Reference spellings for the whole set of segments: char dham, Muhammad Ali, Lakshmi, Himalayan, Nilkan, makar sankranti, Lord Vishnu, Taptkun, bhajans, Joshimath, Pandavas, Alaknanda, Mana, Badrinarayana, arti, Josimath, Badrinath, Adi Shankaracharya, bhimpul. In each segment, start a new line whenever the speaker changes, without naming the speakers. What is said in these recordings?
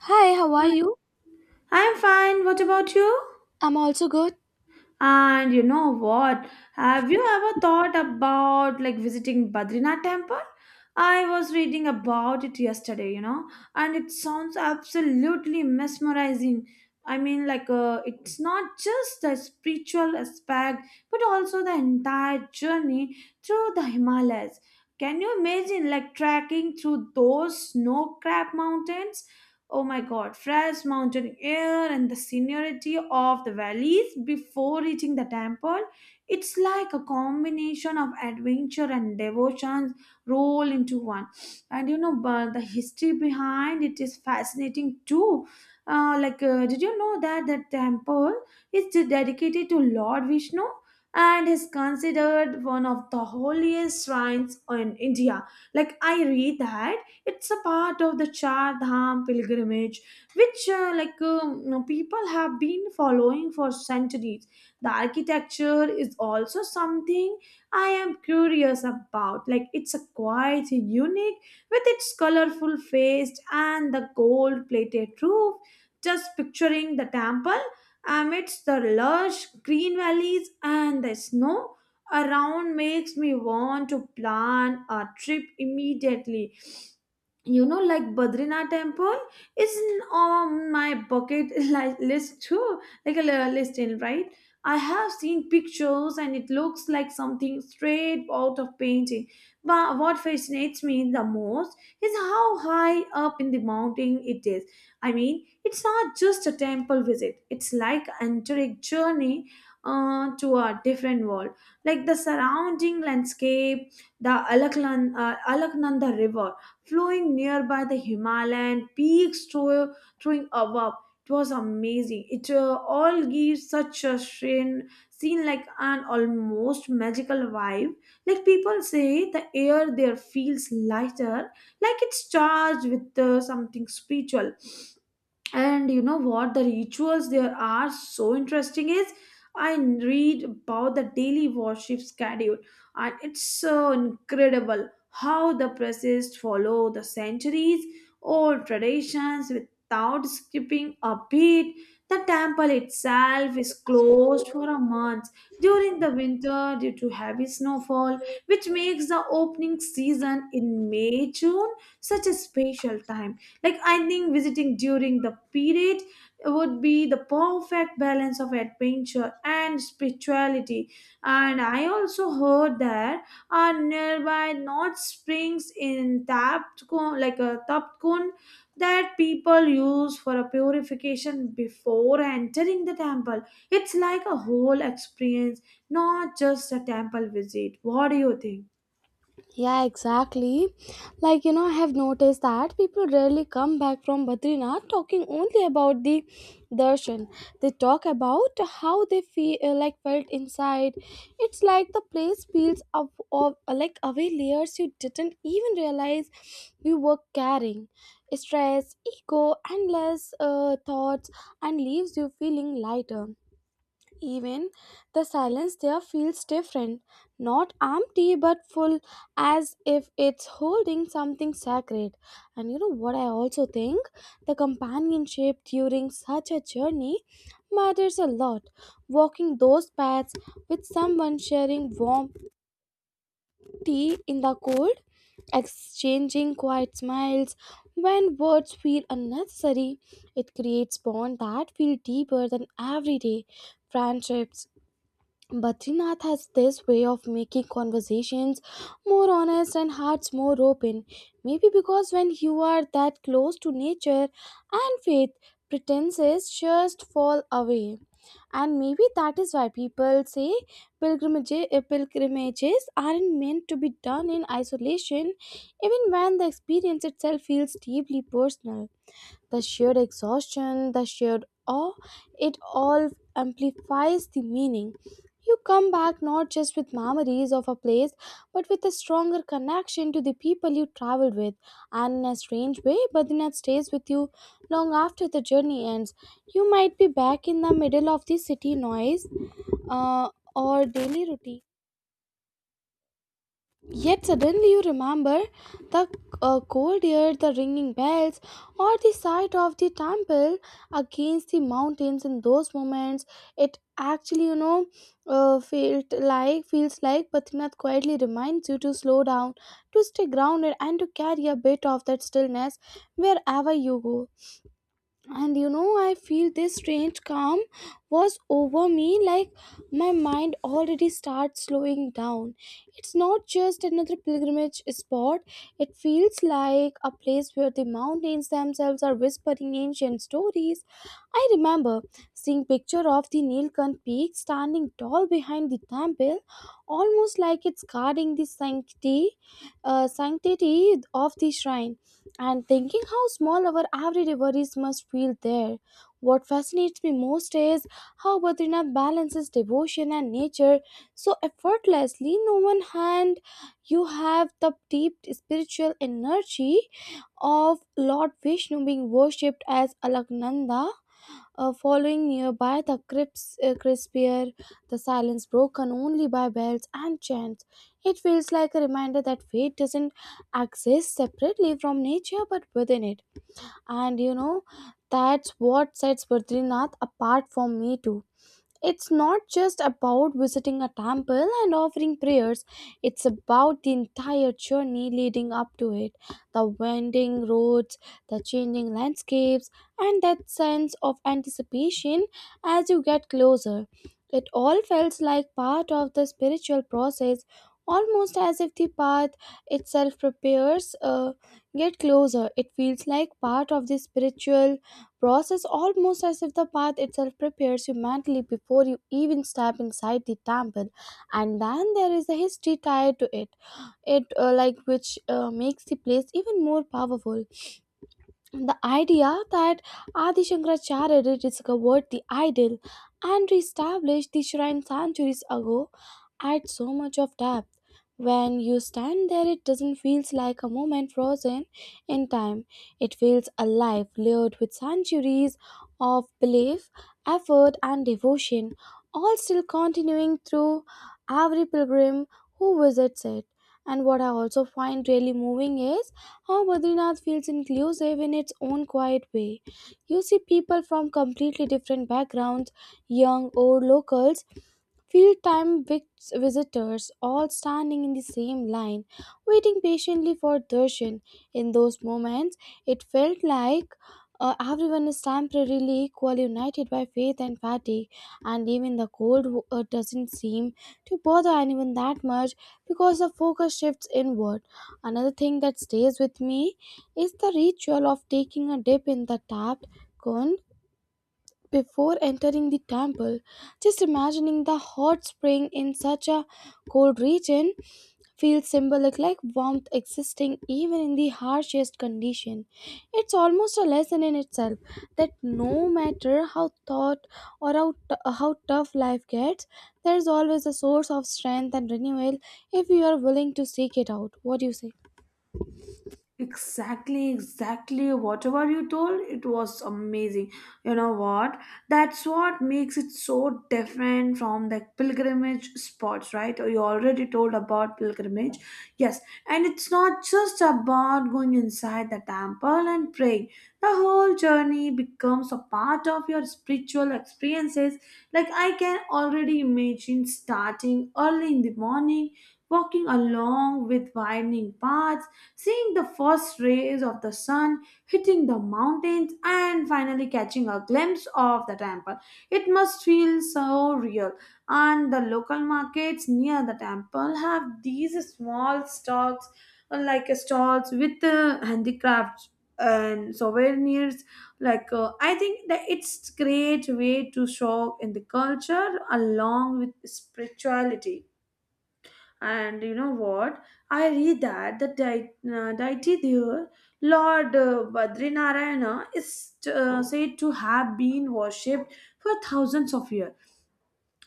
Hi, how are you?
I'm fine. What about you?
I'm also good.
And you know what? Have you ever thought about like visiting Badrinath temple? I was reading about it yesterday, and it sounds absolutely mesmerizing. I mean, like, it's not just the spiritual aspect, but also the entire journey through the Himalayas. Can you imagine, like, trekking through those snow-capped mountains? Oh my god, fresh mountain air and the scenery of the valleys before reaching the temple. It's like a combination of adventure and devotions roll into one. And but the history behind it is fascinating too. Like, did you know that the temple is dedicated to Lord Vishnu and is considered one of the holiest shrines in India? Like, I read that it's a part of the char dham pilgrimage, which like people have been following for centuries. The architecture is also something I am curious about. Like, it's a quite unique with its colorful face and the gold plated roof. Just picturing the temple amidst the lush green valleys and the snow around makes me want to plan a trip immediately. You know, like Badrinath temple is on my bucket list too. Like a list in, right? I have seen pictures and it looks like something straight out of painting, but what fascinates me the most is how high up in the mountain it is. I mean, it's not just a temple visit, it's like entering journey, to a different world. Like the surrounding landscape, the Alaknanda river flowing nearby, the Himalayan peaks throwing above. It was amazing. It all gives such a scene like an almost magical vibe. Like people say, the air there feels lighter, like it's charged with something spiritual. And you know what? The rituals there are so interesting. Is I read about the daily worship schedule, and it's so incredible how the priests follow the centuries old traditions without skipping a beat. The temple itself is closed for a month during the winter due to heavy snowfall, which makes the opening season in may june such a special time. Like, I think visiting during the period would be the perfect balance of adventure and spirituality. And I also heard that are nearby not springs in Taptkun, like a Taptkun that people use for a purification before entering the temple. It's like a whole experience, not just a temple visit. What do you think?
Yeah, exactly. Like, you know, I have noticed that people rarely come back from Badrinath talking only about the darshan. They talk about how they feel felt inside. It's like the place peels up of like away layers you didn't even realize you were carrying. Stress, ego, endless thoughts and leaves you feeling lighter. Even the silence there feels different, not empty but full, as if it's holding something sacred. And you know what I also think? The companionship during such a journey matters a lot. Walking those paths with someone sharing warm tea in the cold, exchanging quiet smiles when words feel unnecessary, it creates bonds that feel deeper than everyday friendships. Badrinath has this way of making conversations more honest and hearts more open. Maybe because when you are that close to nature and faith, pretenses just fall away. And maybe that is why people say pilgrimages aren't meant to be done in isolation, even when the experience itself feels deeply personal. The shared exhaustion, the shared awe, it all amplifies the meaning. You come back not just with memories of a place, but with a stronger connection to the people you traveled with, and in a strange way, but stays with you long after the journey ends. You might be back in the middle of the city noise or daily routine. Yet suddenly you remember the cold air, the ringing bells, or the sight of the temple against the mountains. In those moments, it actually, you know, felt like feels like Patrinath quietly reminds you to slow down, to stay grounded, and to carry a bit of that stillness wherever you go. And you know, I feel this strange calm was over me. Like my mind already starts slowing down. It's not just another pilgrimage spot. It feels like a place where the mountains themselves are whispering ancient stories. I remember seeing picture of the Nilkan peak standing tall behind the temple, almost like it's guarding the sanctity, sanctity of the shrine, and thinking how small our everyday worries must feel there. What fascinates me most is how Badrinath balances devotion and nature so effortlessly. No one hand, you have the deep spiritual energy of Lord Vishnu being worshipped as Alagnanda following nearby the crisp the silence broken only by bells and chants. It feels like a reminder that fate doesn't exist separately from nature but within it. And you know, that's what sets Badrinath apart from me too. It's not just about visiting a temple and offering prayers, it's about the entire journey leading up to it. The winding roads, the changing landscapes, and that sense of anticipation as you get closer. It all felt like part of the spiritual process, almost as if the path itself prepares get closer. It feels like part of the spiritual process almost as if the path itself prepares you mentally before you even step inside the temple. And then there is a history tied to it. It uh, like which uh, makes the place even more powerful. The idea that Adi Shankaracharya rediscovered the ideal and reestablished the shrine centuries ago adds so much of depth. When you stand there, it doesn't feel like a moment frozen in time. It feels alive, layered with centuries of belief, effort, and devotion, all still continuing through every pilgrim who visits it. And what I also find really moving is how Badrinath feels inclusive in its own quiet way. You see people from completely different backgrounds, young, old, locals, Field time vic- visitors all standing in the same line, waiting patiently for darshan. In those moments, it felt like everyone is temporarily equally united by faith and fatigue, and even the cold doesn't seem to bother anyone that much because the focus shifts inward. Another thing that stays with me is the ritual of taking a dip in the tapped Kun before entering the temple. Just imagining the hot spring in such a cold region feels symbolic, like warmth existing even in the harshest condition. It's almost a lesson in itself that no matter how thought or how, t- how tough life gets, there's always a source of strength and renewal if you are willing to seek it out. What do you say?
Exactly, exactly. Whatever you told, it was amazing. You know what? That's what makes it so different from the pilgrimage spots, right? You already told about pilgrimage. Yes, and it's not just about going inside the temple and praying. The whole journey becomes a part of your spiritual experiences. Like, I can already imagine starting early in the morning, walking along with winding paths, seeing the first rays of the sun hitting the mountains and finally catching a glimpse of the temple. It must feel so real. And the local markets near the temple have these small stalls, like stalls with handicrafts and souvenirs. Like, I think that it's great way to show in the culture along with spirituality. And you know what? I read that the deity there, Lord Badrinarayana, is said to have been worshipped for thousands of years.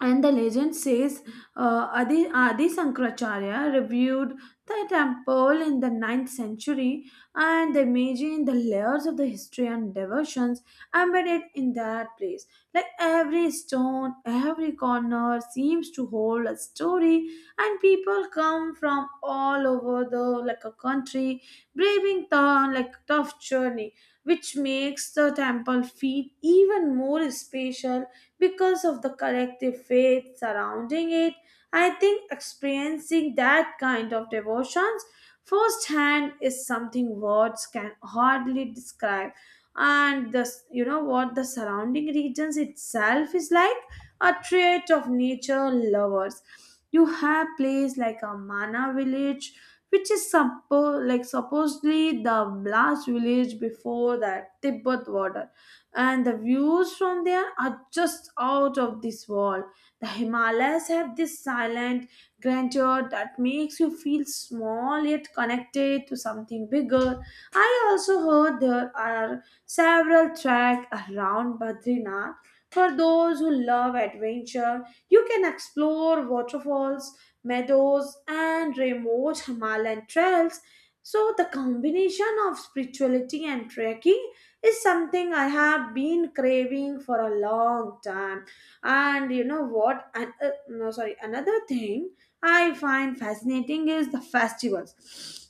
And the legend says Adi Sankaracharya reviewed the temple in the 9th century and imagined the layers of the history and devotions embedded in that place. Like every stone, every corner seems to hold a story, and people come from all over the like a country, braving the like tough journey, which makes the temple feel even more special because of the collective faith surrounding it. I think experiencing that kind of devotions firsthand is something words can hardly describe. And the you know what, the surrounding regions itself is like a trait of nature lovers. You have place like a Mana village, which is like supposedly the last village before that Tibet border, and the views from there are just out of this world. The Himalayas have this silent grandeur that makes you feel small yet connected to something bigger. I also heard there are several tracks around Badrinath. For those who love adventure, you can explore waterfalls, meadows, and remote Himalayan trails. So, the combination of spirituality and trekking is something I have been craving for a long time. And you know what? No, sorry. Another thing I find fascinating is the festivals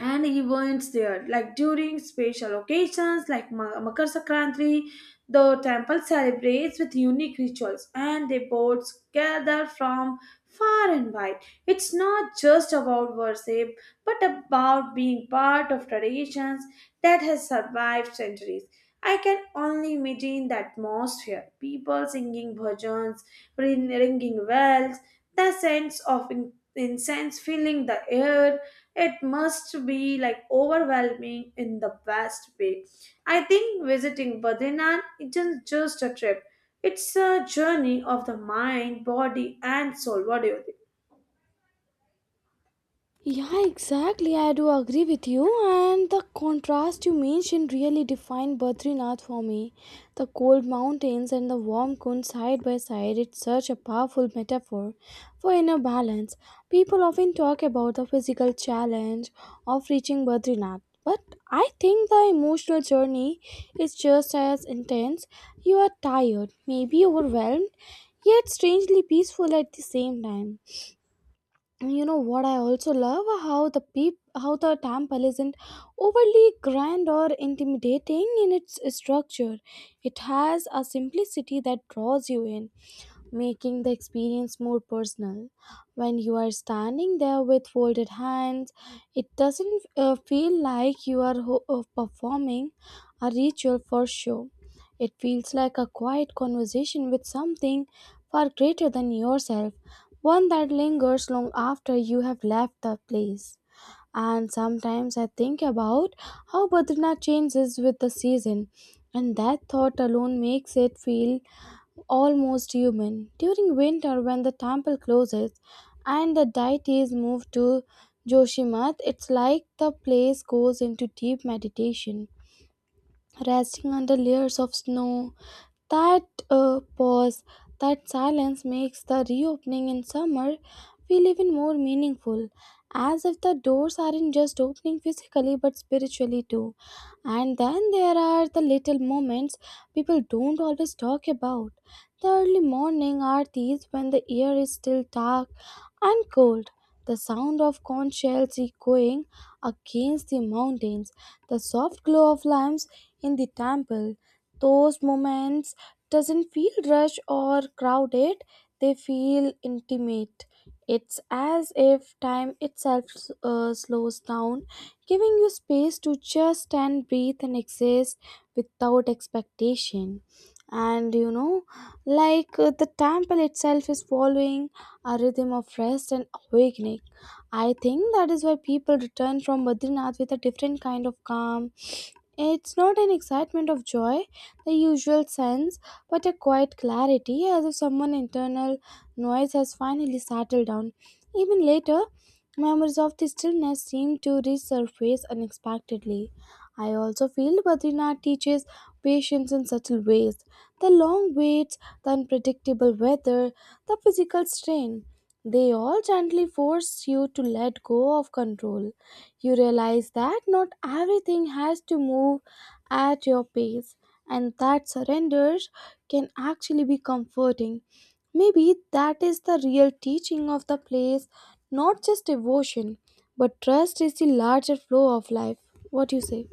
and events there, like during special occasions like Makar sankranti. The temple celebrates with unique rituals and the devotees gather from far and wide. It's not just about worship but about being part of traditions that has survived centuries. I can only imagine the atmosphere, people singing bhajans, ringing bells, the sense of incense filling the air. It must be like overwhelming in the best way. I think visiting Badrinath isn't just a trip, it's a journey of the mind, body, and soul. What do you think?
Yeah, exactly. I do agree with you, and the contrast you mentioned really defined Badrinath for me. The cold mountains and the warm Kund side by side, it's such a powerful metaphor for inner balance. People often talk about the physical challenge of reaching Badrinath, but I think the emotional journey is just as intense. You are tired, maybe overwhelmed, yet strangely peaceful at the same time. You know what, I also love how the temple isn't overly grand or intimidating in its structure. It has a simplicity that draws you in, making the experience more personal. When you are standing there with folded hands, it doesn't feel like you are ho- performing a ritual for show. It feels like a quiet conversation with something far greater than yourself, one that lingers long after you have left the place. And sometimes I think about how Badrinath changes with the season, and that thought alone makes it feel almost human. During winter, when the temple closes and the deities move to Joshimath, it's like the place goes into deep meditation, resting under layers of snow that uh, pause, that silence makes the reopening in summer feel even more meaningful, as if the doors aren't just opening physically but spiritually too. And then there are the little moments people don't always talk about. The early morning aartis when the air is still dark and cold, the sound of conch shells echoing against the mountains, the soft glow of lamps in the temple. Those moments doesn't feel rushed or crowded, they feel intimate. It's as if time itself slows down, giving you space to just stand, breathe, and exist without expectation. And you know, the temple itself is following a rhythm of rest and awakening. I think that is why people return from Badrinath with a different kind of calm. It's not an excitement of joy, the usual sense, but a quiet clarity as if someone internal noise has finally settled down. Even later, memories of the stillness seem to resurface unexpectedly. I also feel Badrinath teaches patients in subtle ways. The long waits, the unpredictable weather, the physical strain. They all gently force you to let go of control. You realize that not everything has to move at your pace, and that surrender can actually be comforting. Maybe that is the real teaching of the place, not just devotion, but trust is the larger flow of life. What do you say?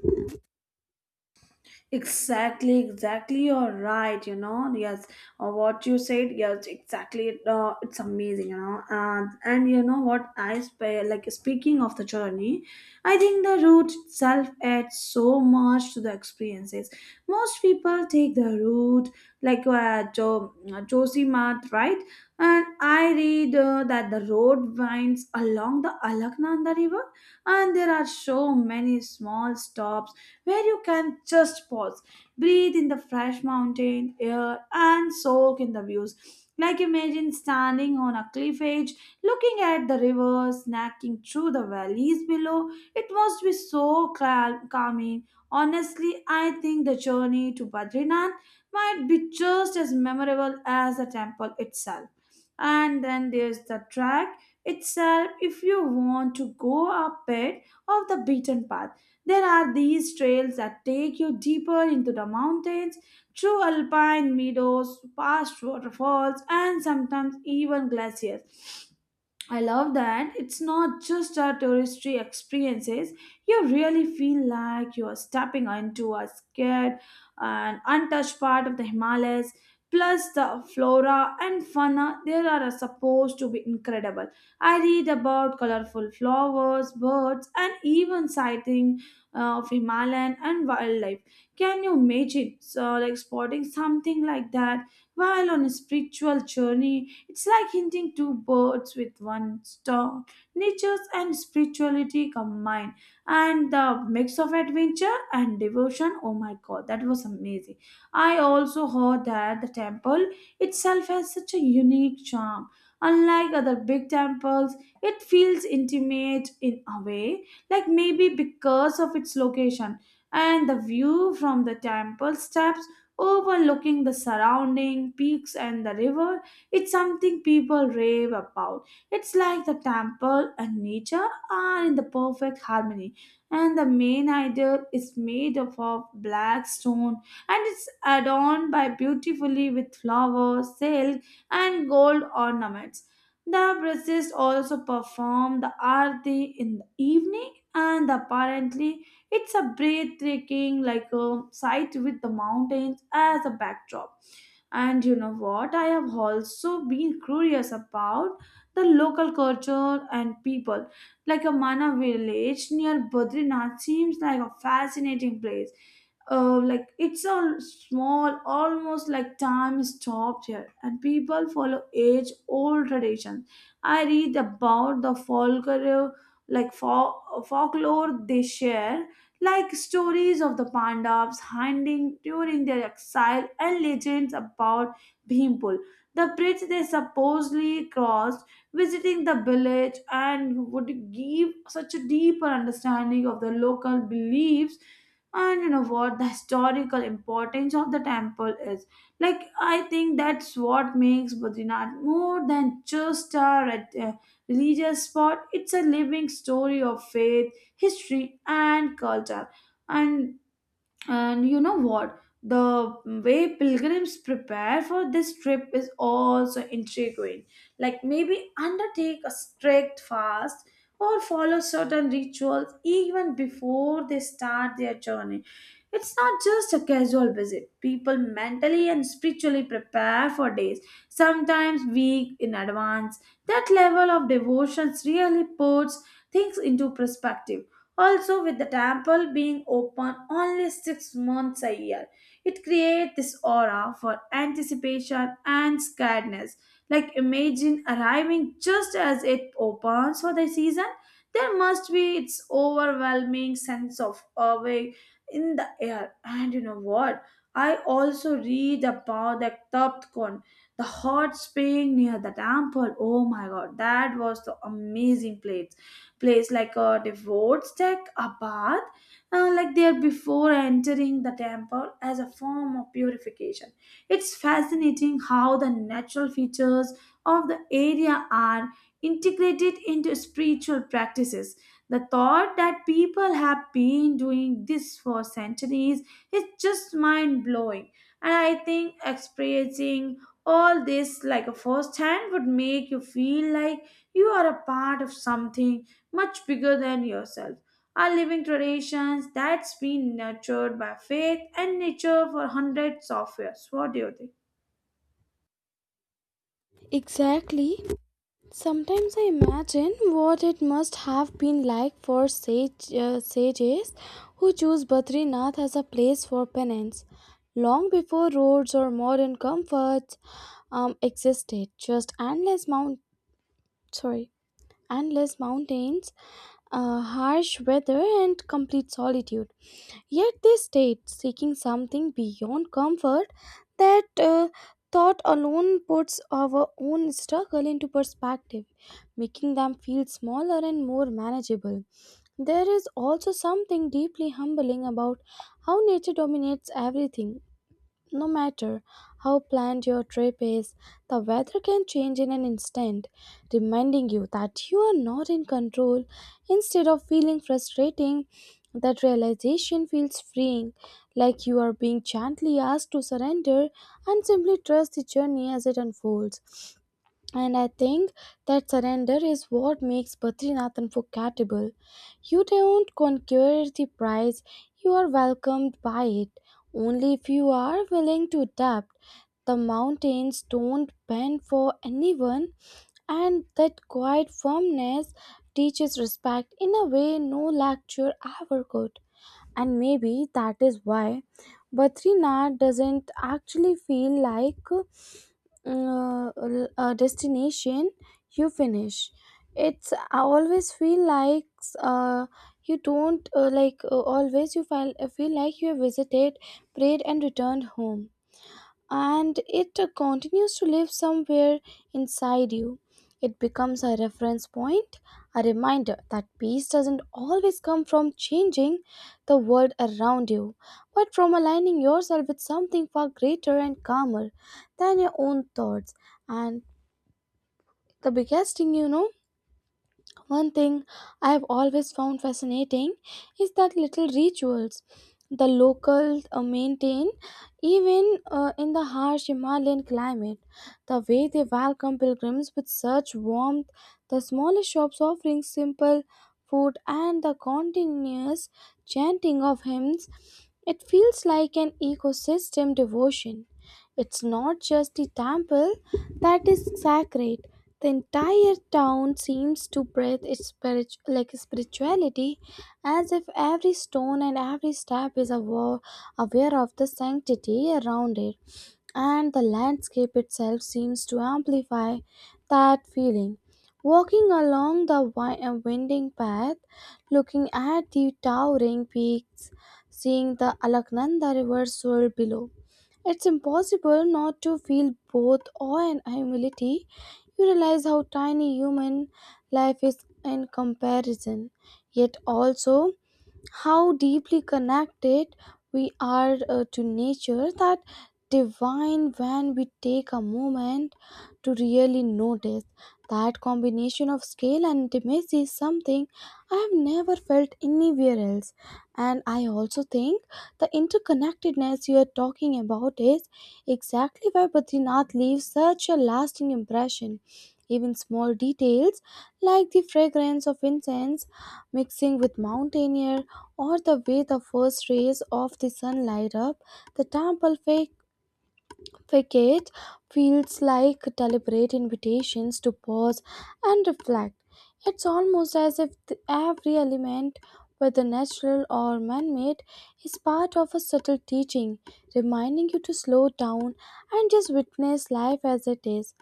Exactly, exactly. You're right. You know, yes. What you said, yes, exactly. It's amazing. You know, and you know what like. Speaking of the journey, I think the route itself adds so much to the experiences. Most people take the route like Josimath, right? And I read that the road winds along the Alaknanda River, and there are so many small stops where you can just pause, breathe in the fresh mountain air, and soak in the views. Like, imagine standing on a cliff edge, looking at the river, snacking through the valleys below. It must be so calming. Honestly, I think the journey to Badrinath might be just as memorable as the temple itself. And then there's the track itself if you want to go a bit off the beaten path. There are these trails that take you deeper into the mountains, through alpine meadows, past waterfalls, and sometimes even glaciers. I love that it's not just a touristy experiences. You really feel like you are stepping into a scared and untouched part of the Himalayas. Plus, the flora and fauna there are supposed to be incredible. I read about colorful flowers, birds, and even sighting of Himalayan and wildlife. Can you imagine, so like spotting something like that while on a spiritual journey, it's like hinting two birds with one stone. Nature and spirituality combined, and the mix of adventure and devotion. Oh my god, that was amazing! I also heard that the temple itself has such a unique charm. Unlike other big temples, it feels intimate in a way, like maybe because of its location, and the view from the temple steps overlooking the surrounding peaks and the river, it's something people rave about. It's like the temple and nature are in the perfect harmony, and the main idol is made up of black stone, and it's adorned by beautifully with flowers, silk, and gold ornaments. The priests also perform the arti in the evening, and apparently it's a breathtaking like a sight with the mountains as a backdrop. And you know what? I have also been curious about the local culture and people. Like a Mana village near Badrinath seems like a fascinating place, like it's a small, almost like time stopped here, and people follow age old traditions. I read about the folklore, like folklore they share, like stories of the pandavas hunting during their exile and legends about bhimpul, the bridge they supposedly crossed. Visiting the village and would give such a deeper understanding of the local beliefs. And you know what? The historical importance of the temple is, like, I think that's what makes Badrinath more than just a religious spot. It's a living story of faith history and culture. And and you know what? The way pilgrims prepare for this trip is also intriguing. Like, maybe undertake a strict fast or follow certain rituals even before they start their journey. It's not just a casual visit. People mentally and spiritually prepare for days, sometimes weeks in advance. That level of devotion really puts things into perspective. Also, with the temple being open only 6 months a year, it creates this aura for anticipation and scaredness. Like, imagine arriving just as it opens for the season. There must be its overwhelming sense of awe in the air. And you know what? I also read about the Taptkon, the hot spring near the temple. Oh my god, that was the amazing place, like a devotee's take a bath like there before entering the temple as a form of purification. It's fascinating how the natural features of the area are integrated into spiritual practices. The thought that people have been doing this for centuries is just mind blowing. And I think experiencing all this like a first hand would make you feel like you are a part of something much bigger than yourself. Are living traditions that's been nurtured by faith and nature for hundreds of years. What do you think?
Exactly. Sometimes I imagine what it must have been like for sages who choose Badrinath as a place for penance. Long before roads or modern comforts existed, just sorry, endless mountains, harsh weather, and complete solitude. Yet they stayed, seeking something beyond comfort. That thought alone puts our own struggle into perspective, making them feel smaller and more manageable. There is also something deeply humbling about how nature dominates everything, no matter how planned your trip is, the weather can change in an instant, reminding you that you are not in control. Instead of feeling frustrating, that realization feels freeing, like you are being gently asked to surrender and simply trust the journey as it unfolds. And I think that surrender is what makes Badrinath forgettable. You don't conquer the prize, you are welcomed by it. Only if you are willing to adapt. The mountains don't bend for anyone, and that quiet firmness teaches respect in a way no lecture ever could. And maybe that is why Badrinath doesn't actually feel like a destination you finish. It's, I always feel like uh, you don't like always you feel like you have visited, prayed, and returned home, and it continues to live somewhere inside you. It becomes a reference point, a reminder that peace doesn't always come from changing the world around you, but from aligning yourself with something far greater and calmer than your own thoughts. And the biggest thing, you know, one thing I've always found fascinating is that little rituals the locals maintain even in the harsh Himalayan climate. The way they welcome pilgrims with such warmth, the smallest shops offering simple food, and the continuous chanting of hymns, it feels like an ecosystem devotion. It's not just the temple that is sacred, the entire town seems to breathe its spirituality, as if every stone and every step is aware of the sanctity around it, and the landscape itself seems to amplify that feeling. Walking along the winding path, looking at the towering peaks, seeing the Alaknanda River swirl below, it's impossible not to feel both awe and humility. You realize how tiny human life is in comparison, yet also how deeply connected we are to nature that divine. When we take a moment to really notice, that combination of scale and intimacy is something I have never felt anywhere else. And I also think the interconnectedness you are talking about is exactly why Badrinath leaves such a lasting impression. Even small details like the fragrance of incense mixing with mountain air, or the way the first rays of the sun light up the facade, feels like deliberate invitations to pause and reflect. It's almost as if every element, whether natural or man made, is part of a subtle teaching, reminding you to slow down and just witness life as it is.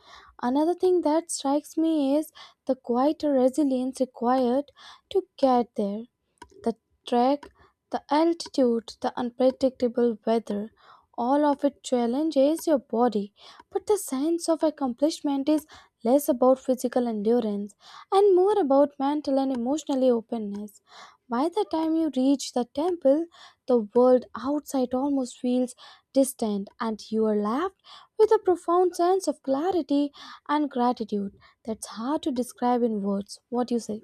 Another thing that strikes me is the quieter resilience required to get there: the trek, the altitude, the unpredictable weather. All of it challenges your body, but the sense of accomplishment is less about physical endurance and more about mental and emotional openness. By the time you reach the temple, the world outside almost feels distant, and you are left with a profound sense of clarity and gratitude that's hard to describe in words. What do you say?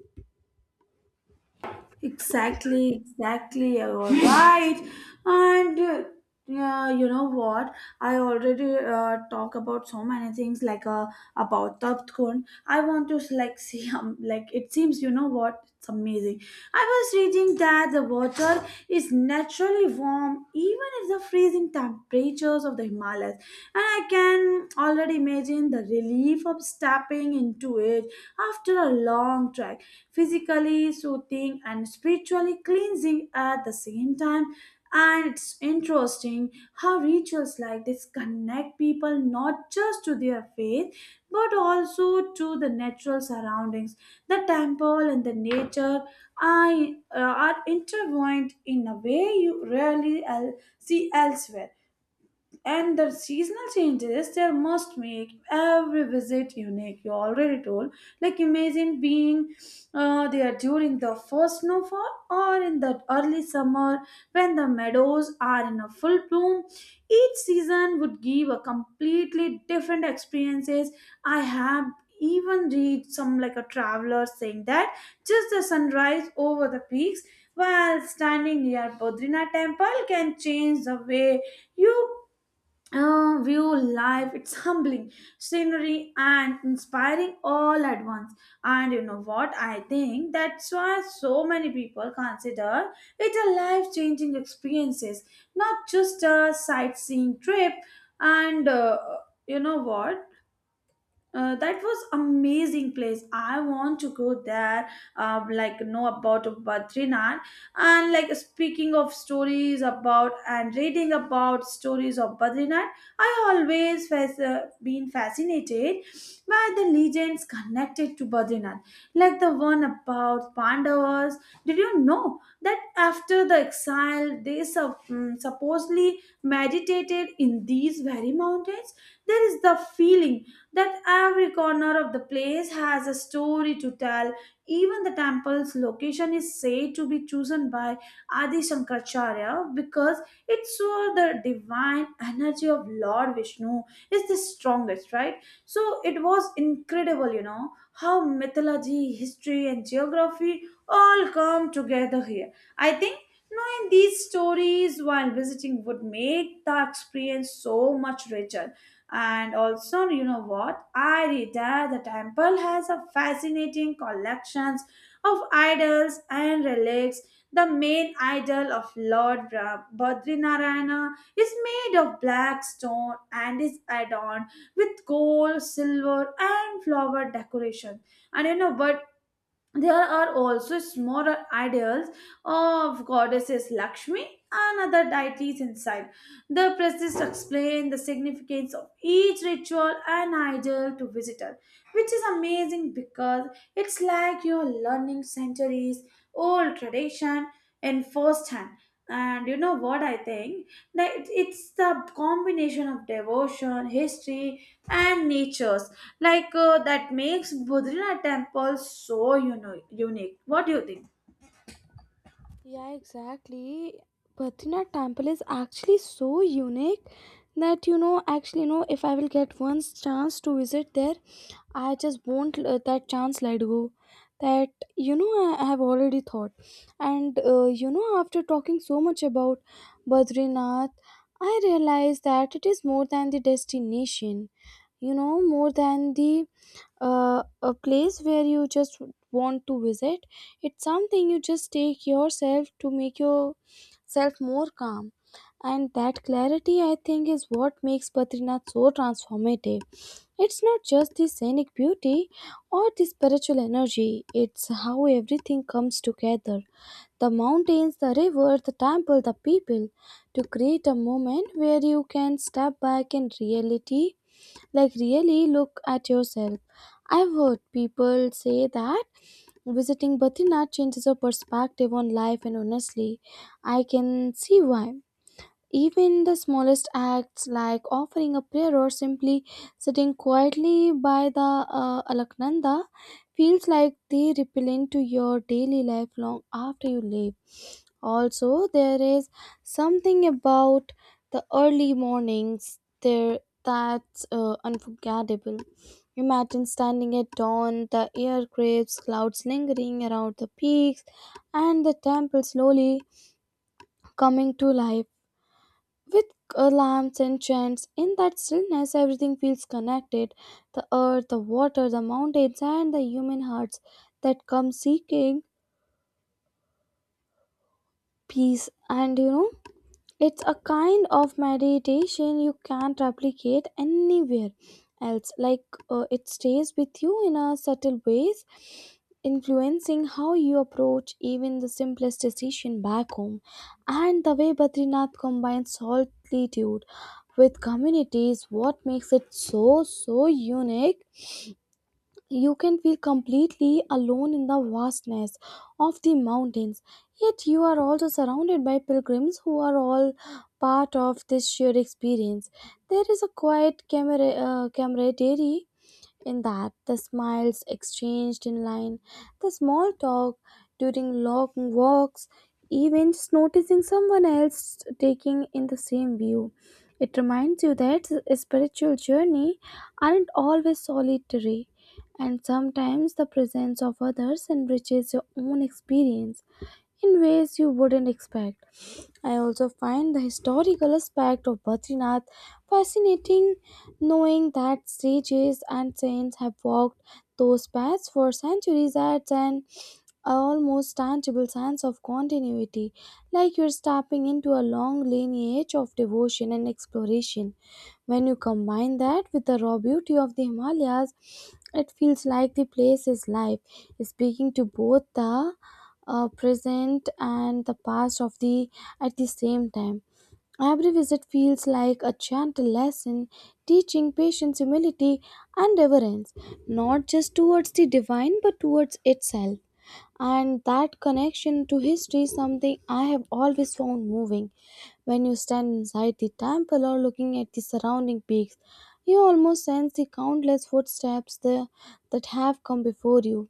Exactly, exactly. You're all right. And yeah, you know what? I already talk about so many things about Taptkun. I want to like see like it seems you know what? It's amazing. I was reading that the water is naturally warm even if the freezing temperatures of the Himalayas, and I can already imagine the relief of stepping into it after a long trek physically soothing and spiritually cleansing at the same time. And it's interesting how rituals like this connect people not just to their faith but also to the natural surroundings. The temple and the nature are, are intertwined in a way you rarely see elsewhere, and the seasonal changes there must make every visit unique, you already told. Like imagine being there during the first snowfall or in the early summer when the meadows are in a full bloom. Each season would give a completely different experiences. I have even read some like a traveler saying that just the sunrise over the peaks while standing near Bodrina temple can change the way you view life. It's humbling scenery and inspiring all at once. And you know what, I think that's why so many people consider it a life-changing experiences, not just a sightseeing trip. And you know what, that was amazing place. I want to go there. Like know about Badrinath, and like speaking of stories about and reading about stories of Badrinath, I always has been fascinated by the legends connected to Badrinath, like the one about Pandavas. Did you know that after the exile, they supposedly meditated in these very mountains? There is the feeling that every corner of the place has a story to tell. Even the temple's location is said to be chosen by Adi Shankaracharya because it saw the divine energy of Lord Vishnu is the strongest, right? So it was incredible, you know, how mythology, history, and geography all come together here. I think knowing these stories while visiting would make the experience so much richer. And also, you know what, I read that the temple has a fascinating collections of idols and relics. The main idol of Badrinarayana is made of black stone and is adorned with gold, silver, and flower decoration. And you know what? There are also smaller ideals of goddesses Lakshmi and other deities inside. The priests explain the significance of each ritual and idol to visitor, which is amazing because it's like you're learning centuries old tradition in first hand. And you know what I think? That it's the combination of devotion, history, and nature that makes Bodrina temple so, you know, unique. What do you think?
Yeah, exactly. Badrinath temple is actually so unique that, you know, actually, you know, if I will get one chance to visit there, I just won't let that chance let go. That, you know, I have already thought, and you know, after talking so much about Badrinath, I realized that it is more than the destination. You know, more than the a place where you just want to visit. It's something you just take yourself to make yourself more calm, and that clarity, I think, is what makes Badrinath so transformative. It's not just the scenic beauty or the spiritual energy, it's how everything comes together, the mountains, the river, the temple, the people, to create a moment where you can step back in reality, like, really look at yourself. I've heard people say that visiting Batrinath changes your perspective on life, and honestly, I can see why. Even the smallest acts like offering a prayer or simply sitting quietly by the Alaknanda feels like they ripple into your daily life long after you leave. Also, there is something about the early mornings there that's unforgettable. Imagine standing at dawn, the air crisp, clouds lingering around the peaks, and the temple slowly coming to life with alarms and chants. In that stillness, everything feels connected, the earth, the water, the mountains, and the human hearts that come seeking peace. And you know, it's a kind of meditation you can't replicate anywhere else. It stays with you in a subtle ways, influencing how you approach even the simplest decision back home. And the way Badrinath combines solitude with community is what makes it so so unique. You can feel completely alone in the vastness of the mountains, yet you are also surrounded by pilgrims who are all part of this shared experience. There is a camaraderie in that, the smiles exchanged in line, the small talk during long walks, even just noticing someone else taking in the same view. It reminds you that spiritual journey aren't always solitary, and sometimes the presence of others enriches your own experience in ways you wouldn't expect. I also find the historical aspect of Badrinath fascinating. Knowing that sages and saints have walked those paths for centuries adds an almost tangible sense of continuity, like you're stepping into a long lineage of devotion and exploration. When you combine that with the raw beauty of the Himalayas, it feels like the place is live, speaking to both the present and the past of the at the same time. Every visit feels like a gentle lesson teaching patience, humility, and reverence, not just towards the divine but towards itself. And that connection to history is something I have always found moving. When you stand inside the temple or looking at the surrounding peaks, you almost sense the countless footsteps there that have come before you,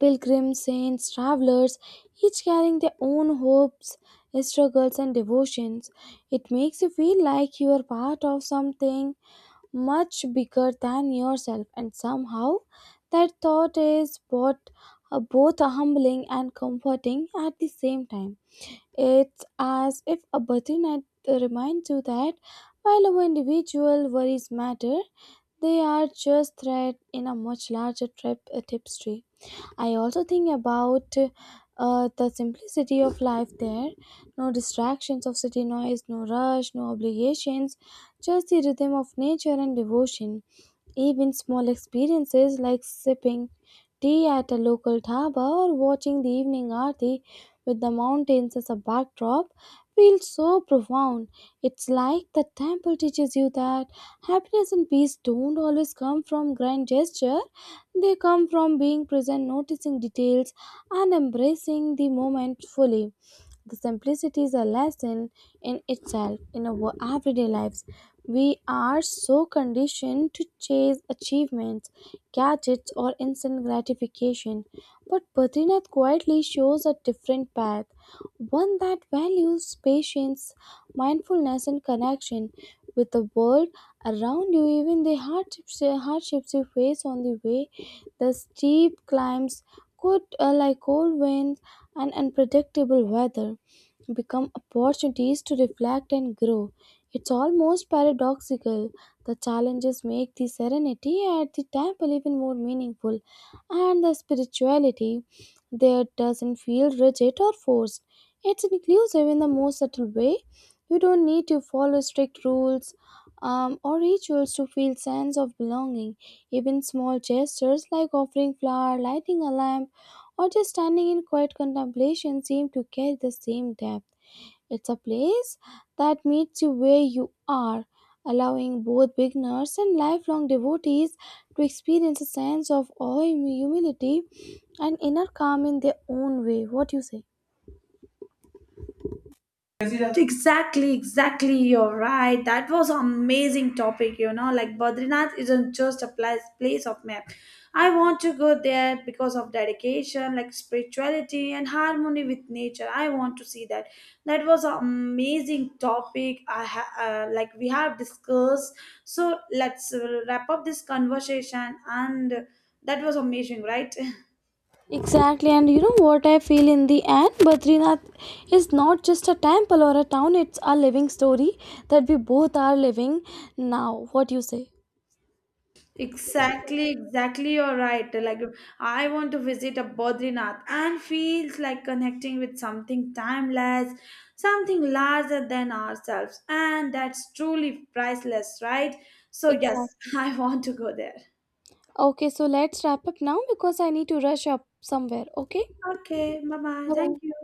pilgrims, saints, travelers, each carrying their own hopes, struggles, and devotions. It makes you feel like you are part of something much bigger than yourself, and somehow that thought is both humbling and comforting at the same time. It's as if a birthday night reminds you that while our individual worries matter, they are just thread in a much larger tapestry. I also think about the simplicity of life there. No distractions of city noise, no rush, no obligations, just the rhythm of nature and devotion. Even small experiences like sipping tea at a local dhaba or watching the evening aarti with the mountains as a backdrop feels so profound. It's like the temple teaches you that happiness and peace don't always come from grand gesture. They come from being present, noticing details, and embracing the moment fully. The simplicity is a lesson in itself. In our everyday lives, we are so conditioned to chase achievements, gadgets, or instant gratification. But Badrinath quietly shows a different path, one that values patience, mindfulness, and connection with the world around you. Even the hardships you face on the way, the steep climbs, could like cold winds and unpredictable weather, become opportunities to reflect and grow. It's almost paradoxical. The challenges make the serenity at the temple even more meaningful, and the spirituality there doesn't feel rigid or forced. It's inclusive in the most subtle way. You don't need to follow strict rules or rituals to feel sense of belonging. Even small gestures like offering flower, lighting a lamp, or just standing in quiet contemplation seem to carry the same depth. It's a place that meets you where you are, allowing both beginners and lifelong devotees to experience a sense of awe, humility, and inner calm in their own way. What you say?
Exactly, exactly. You're right. That was amazing topic. You know, like Badrinath isn't just a place of map. I want to go there because of dedication, like spirituality and harmony with nature. I want to see that. That was an amazing topic. Like we have discussed. So let's wrap up this conversation. And that was amazing, right?
Exactly, and you know what I feel in the end? Badrinath is not just a temple or a town, it's a living story that we both are living now. What you say?
Exactly, exactly. You're right. Like, I want to visit a Bodrinath and feels like connecting with something timeless, something larger than ourselves, and that's truly priceless, right? So, yes,
Exactly.
I want to go there.
Okay, so let's wrap up now because I need to rush up somewhere. Okay,
Okay, bye bye. Thank
bye.
you.